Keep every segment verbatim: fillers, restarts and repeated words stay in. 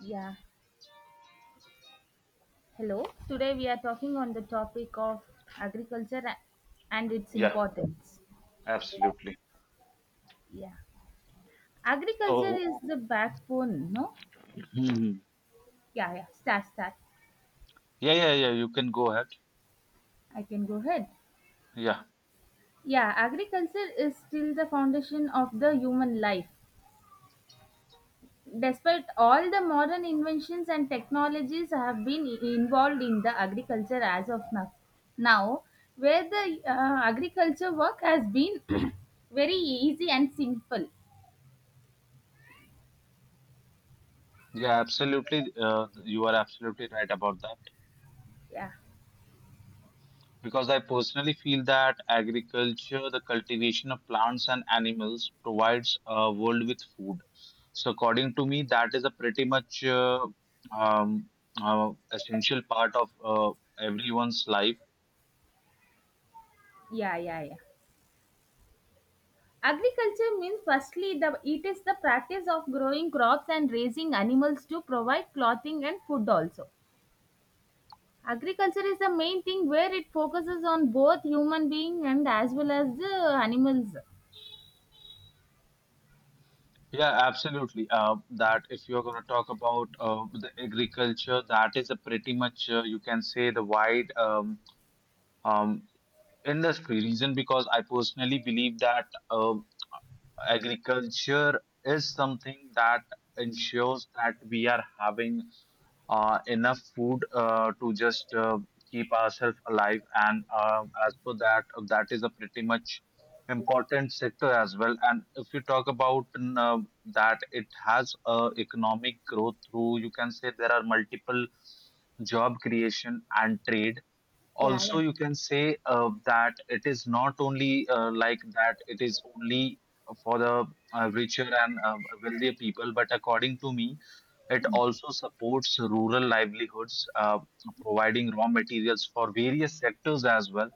Yeah, hello. Today we are talking on the topic of agriculture a- and its Yeah, importance. absolutely. Yeah, agriculture So, is the backbone, no? Mhm. Yeah, yeah, start, start. yeah, yeah, yeah, you can go ahead. I can go ahead. Yeah, Yeah, agriculture is still the foundation of the human life. Despite all the modern inventions and technologies have been i- involved in the agriculture as of now, now where the uh, agriculture work has been very easy and simple. yeah, absolutely. Uh, you are absolutely right about that. Yeah. Because I personally feel that agriculture, the cultivation of plants and animals, provides a world with food. So, according to me, that is a pretty much uh, um, uh, essential part of uh, everyone's life. Yeah, yeah, yeah. Agriculture means firstly the it is the practice of growing crops and raising animals to provide clothing and food also. Agriculture is the main thing where it focuses on both human being and as well as the animals. Yeah, absolutely. Uh, that if you're going to talk about uh, the agriculture, that is a pretty much uh, you can say the wide um, um, industry. Reason because I personally believe that uh, agriculture is something that ensures that we are having uh, enough food uh, to just uh, keep ourselves alive. And uh, as per that, uh, that is a pretty much important sector as well. And if you talk about mm, uh, that, it has uh, economic growth through, you can say there are multiple job creation and trade, Yeah, also yeah. you can say uh, that it is not only uh, like that it is only for the uh, richer and uh, wealthier people, but according to me it also supports rural livelihoods, uh, providing raw materials for various sectors as well,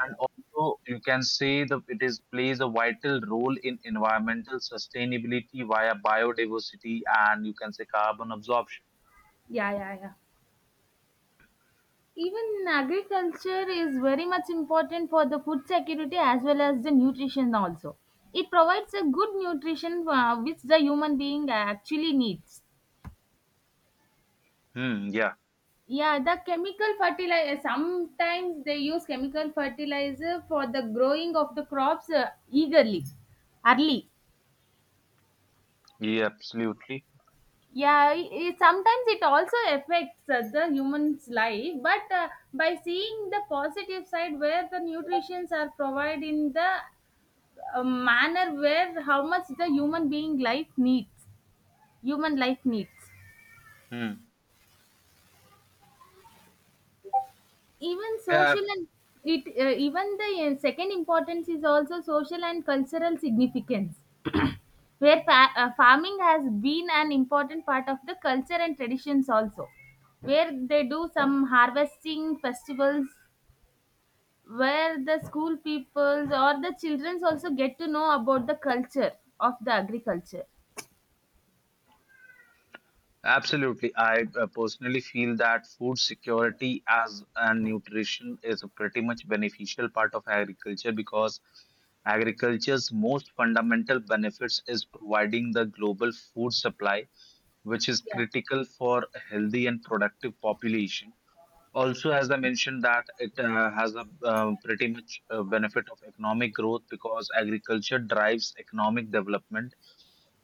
and also you can say that it is plays a vital role in environmental sustainability via biodiversity and you can say carbon absorption. Yeah, yeah, yeah. Even agriculture is very much important for the food security as well as the nutrition also. It provides a good nutrition uh, which the human being actually needs. Hmm. Yeah, Yeah, the chemical fertilizer. Sometimes they use chemical fertilizer for the growing of the crops uh, eagerly, early. yeah, absolutely. Yeah, i i- sometimes it also affects uh, the human's life, but uh, by seeing the positive side where the nutrients are provided in the uh, manner where how much the human being life needs, human life needs. Hmm. Even Yeah, social and it uh, even the uh, second importance is also social and cultural significance where fa- uh, farming has been an important part of the culture and traditions also, where they do some harvesting festivals, where the school peoples or the childrens also get to know about the culture of the agriculture. absolutely. I uh, personally feel that food security as and nutrition is a pretty much beneficial part of agriculture, because agriculture's most fundamental benefits is providing the global food supply, which is Yeah. critical for a healthy and productive population. Also, as I mentioned, that it uh, has a uh, pretty much uh benefit of economic growth, because agriculture drives economic development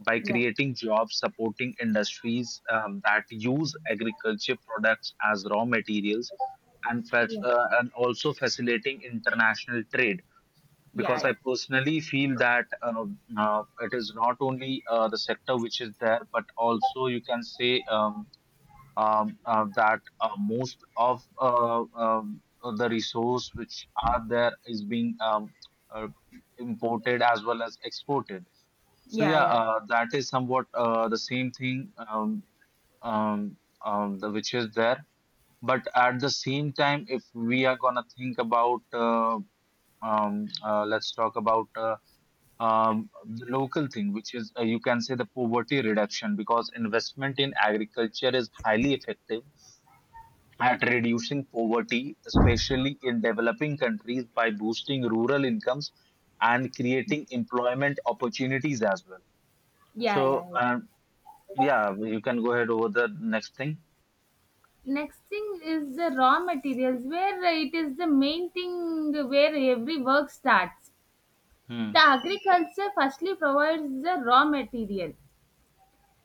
by Yeah. creating jobs, supporting industries um, that use agriculture products as raw materials, and, fac- Yeah. uh, and also facilitating international trade. Yeah. Because Yeah, yeah, I personally feel that uh, uh, it is not only uh, the sector which is there, but also you can say um, um, uh, that uh, most of uh, um, uh, the resource which are there is being um, uh, imported as well as exported. So yeah, yeah. uh, that is somewhat uh, the same thing, um, um, um, the, which is there. But at the same time, if we are gonna think about, uh, um, uh, let's talk about uh, um, the local thing, which is uh, you can say the poverty reduction, because investment in agriculture is highly effective at reducing poverty, especially in developing countries, by boosting rural incomes and creating employment opportunities as well. So, Yeah, yeah, yeah. uh, Yeah, you can go ahead over the next thing. Next thing is the raw materials, where it is the main thing where every work starts. The Hmm. agriculture firstly provides the raw material,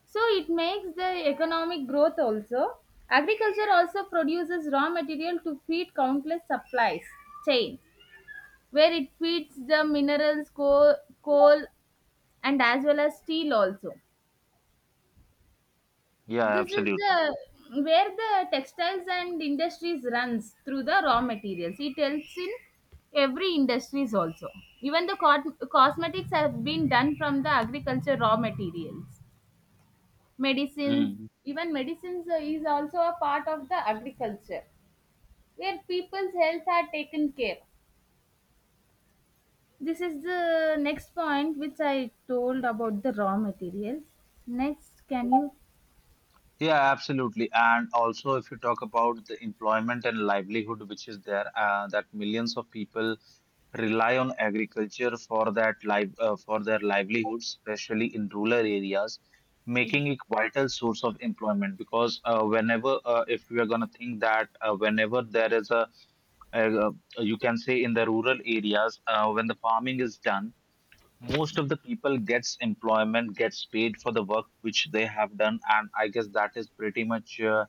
so it makes the economic growth also. Agriculture also produces raw material to feed countless supplies chain, where it feeds the minerals, coal, coal and as well as steel also. Yeah, This is absolutely. the where the textiles and industries runs through the raw materials. It helps in every industries also. Even the cot- cosmetics have been done from the agriculture raw materials. Medicines, Hmm. even medicines uh, is also a part of the agriculture, where people's health are taken care. This is the next point which I told about the raw materials. Next, can you? Yeah, absolutely. And also, if you talk about the employment and livelihood which is there, uh, that millions of people rely on agriculture for that live uh, for their livelihoods, especially in rural areas, making it vital source of employment. Because uh, whenever, uh, if we are gonna think that uh, whenever there is a, uh, uh, you can say in the rural areas, uh, when the farming is done, most of the people gets employment, gets paid for the work which they have done, and I guess that is pretty much uh,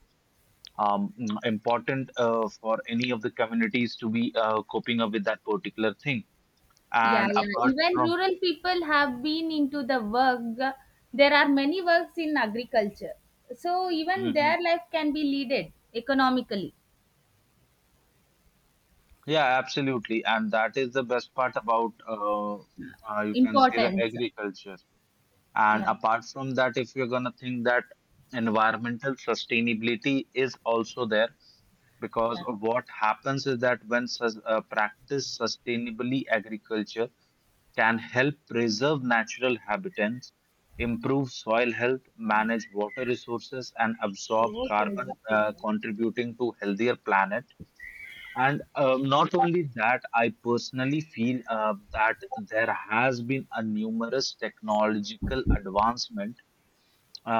um, mm, important uh, for any of the communities to be uh, coping up with that particular thing, Yeah, and yeah, apart even from. rural people have been into the work. There are many works in agriculture, so even their Mhm. life can be leaded economically. Yeah, absolutely, and that is the best part about uh, uh, you can say the Importance. agriculture, and Yeah. apart from that if you're gonna think that environmental sustainability is also there, because Yeah. of what happens is that when sus- uh, practiced sustainably, agriculture can help preserve natural habitats, improve soil health, manage water resources, and absorb What is? carbon, uh, contributing to healthier planet. And um, not only that, I personally feel uh, that there has been a numerous technological advancement,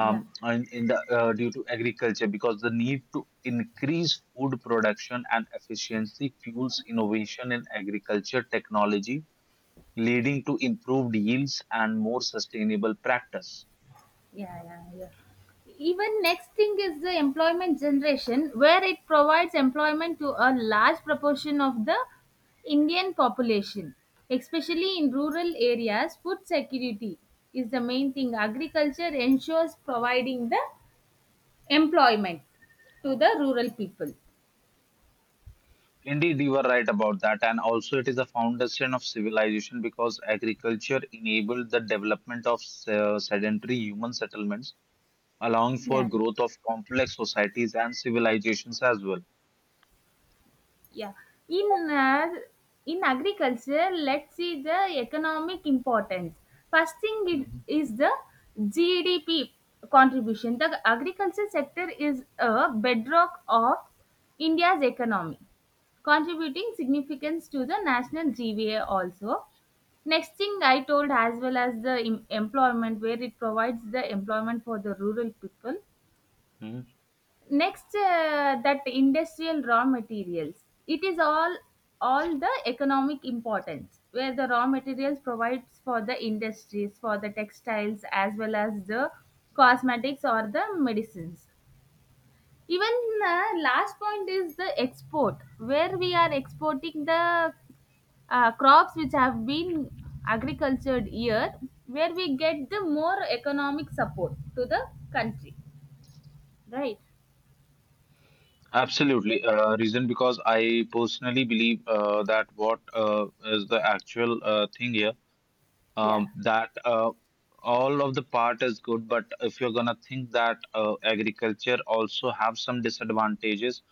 Yeah. in, in the uh, due to agriculture, because the need to increase food production and efficiency fuels innovation in agriculture technology, leading to improved yields and more sustainable practice. Yeah, yeah, yeah. Even next thing is the employment generation, where it provides employment to a large proportion of the Indian population, especially in rural areas. Food security is the main thing. Agriculture ensures providing the employment to the rural people. Indeed, you were right about that, and also it is the foundation of civilization, because agriculture enabled the development of uh, sedentary human settlements, allowing for Yeah. growth of complex societies and civilizations as well. Yeah. In uh, in agriculture, let's see the economic importance. First thing it Mhm. is the G D P contribution. The agriculture sector is a bedrock of India's economy, contributing significance to the national G V A also. Next thing I told as well as the em- employment, where it provides the employment for the rural people. Next, uh, that industrial raw materials, it is all all the economic importance where the raw materials provides for the industries for the textiles as well as the cosmetics or the medicines. Even uh, last point is the export where we are exporting the uh, crops which have been agricultured here, where we get the more economic support to the country, right? Absolutely. Uh, reason because I personally believe uh, that what uh, is the actual uh, thing here, Yeah. um, that uh, all of the part is good, but if you're gonna think that uh, agriculture also have some disadvantages,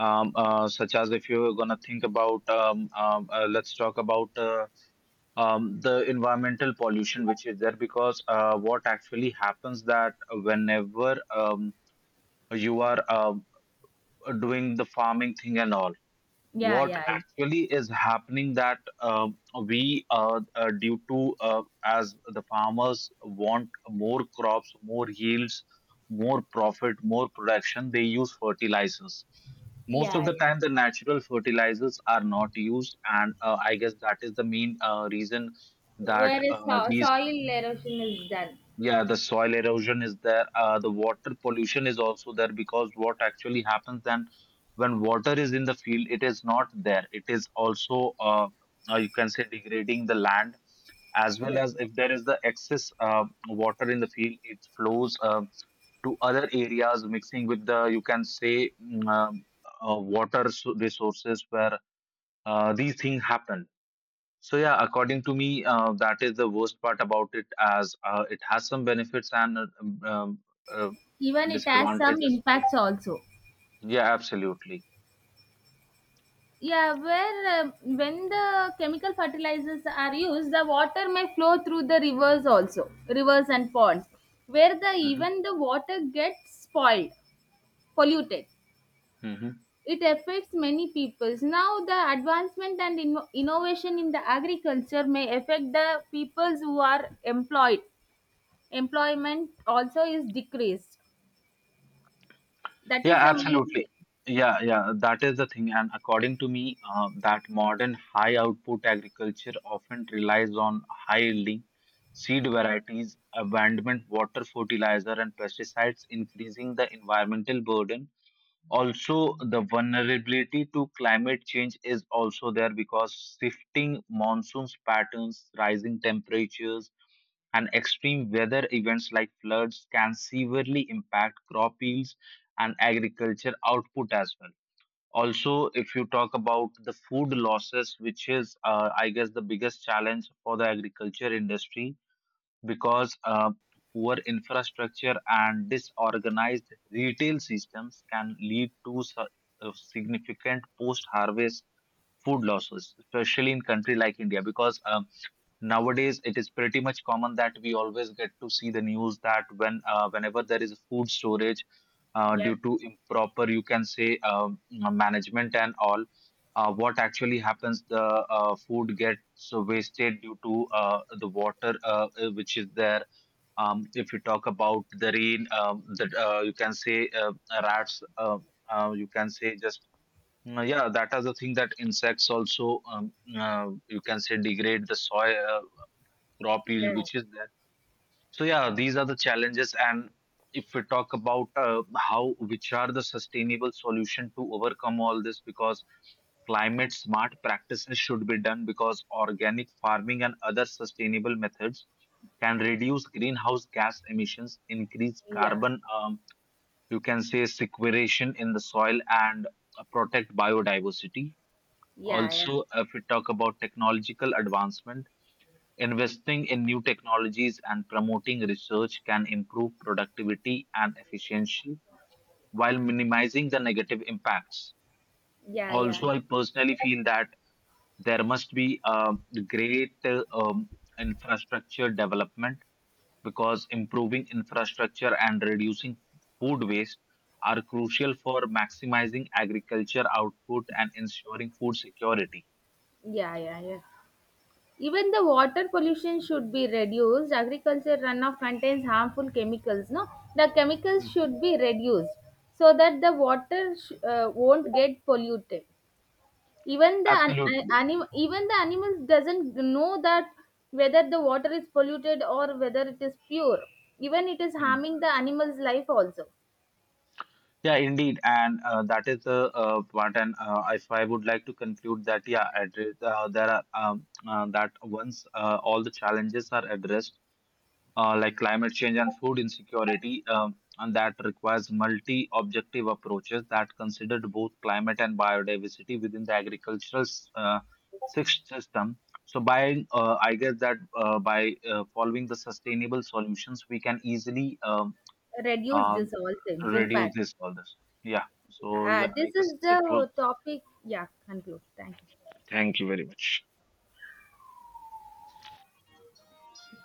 um, uh, such as if you're gonna think about, um, um, uh, let's talk about uh, um, the environmental pollution which is there, because uh, what actually happens that whenever um, you are um, doing the farming thing and all, Yeah, what yeah. actually is happening that um, we uh, uh, due to uh, as the farmers want more crops, more yields, more profit, more production, they use fertilizers. Most of Yeah, the yeah. time the natural fertilizers are not used, and uh, I guess that is the main uh, reason that Whereas uh, so- these. soil erosion is done. Yeah, the soil erosion is there. Uh, the water pollution is also there, because what actually happens then, when water is in the field, it is not there. It is also, uh, uh, you can say, degrading the land, as well Yeah. as if there is the excess uh, water in the field, it flows uh, to other areas, mixing with the, you can say, mm, uh, uh, water s- resources, where uh, these things happen. So yeah, according to me, uh, that is the worst part about it, as uh, it has some benefits and uh, um, um, uh, Even it has some disadvantages. impacts also. Yeah, absolutely. Yeah, where um when the chemical fertilizers are used, the water may flow through the rivers also, rivers and ponds, where the Hmm. even the water gets spoiled, polluted. Hmm. It affects many peoples. Now the advancement and inno- innovation in the agriculture may affect the peoples who are employed. Employment also is decreased. That Yeah, is the main absolutely. thing. Yeah, yeah, that is the thing. And according to me, uh, that modern high output agriculture often relies on high yielding seed varieties, abandonment, water fertilizer, and pesticides, increasing the environmental burden. Also, the vulnerability to climate change is also there, because shifting monsoons patterns, rising temperatures, and extreme weather events like floods can severely impact crop yields and agriculture output as well. Also, if you talk about the food losses, which is uh, I guess the biggest challenge for the agriculture industry, because uh, poor infrastructure and disorganized retail systems can lead to su- uh, significant post harvest food losses, especially in country like india. Because um, nowadays it is pretty much common that we always get to see the news that when uh, whenever there is food storage uh, Yeah, due to improper, you can say, um, management and all, uh, what actually happens, the uh, food gets wasted due to uh, the water uh, uh, which is there. Um, if you talk about the rain, um, that uh, you can say uh, rats. Uh, uh, you can say just uh, yeah, that is the thing that insects also um, uh, you can say degrade the soil uh, crop yield, yeah, which is there. So yeah, these are the challenges, and if we talk about uh, how which are the sustainable solution to overcome all this, because climate smart practices should be done, because organic farming and other sustainable methods can reduce greenhouse gas emissions, increase yeah, carbon, um, you can say sequestration in the soil, and uh, protect biodiversity. yeah, yeah, Also, if we talk about technological advancement, investing in new technologies and promoting research can improve productivity and efficiency while minimizing the negative impacts. yeah, yeah, Also, I personally feel that there must be a great uh, um, infrastructure development, because improving infrastructure and reducing food waste are crucial for maximizing agriculture output and ensuring food security. yeah, yeah, yeah. Even the water pollution should be reduced. Agriculture runoff contains harmful chemicals. No, the chemicals Mm. should be reduced so that the water sh- uh, won't get polluted. Even the an- an- Absolutely. anim- even the animals doesn't know that whether the water is polluted or whether it is pure. Even it is harming the animal's life also. Yeah, indeed, and uh, that is the uh, part. And uh, if I would like to conclude that, yeah, address, uh, there are um, uh, that once uh, all the challenges are addressed, uh, like climate change and food insecurity, um, and that requires multi-objective approaches that considered both climate and biodiversity within the agricultural s- uh, sys- system. So, by uh, I guess that uh, by uh, following the sustainable solutions, we can easily um, Reduce this um, all things impact. reduces all this. Yeah. So uh, yeah, I This guess is it was. the topic. Yeah, conclude. Thank you.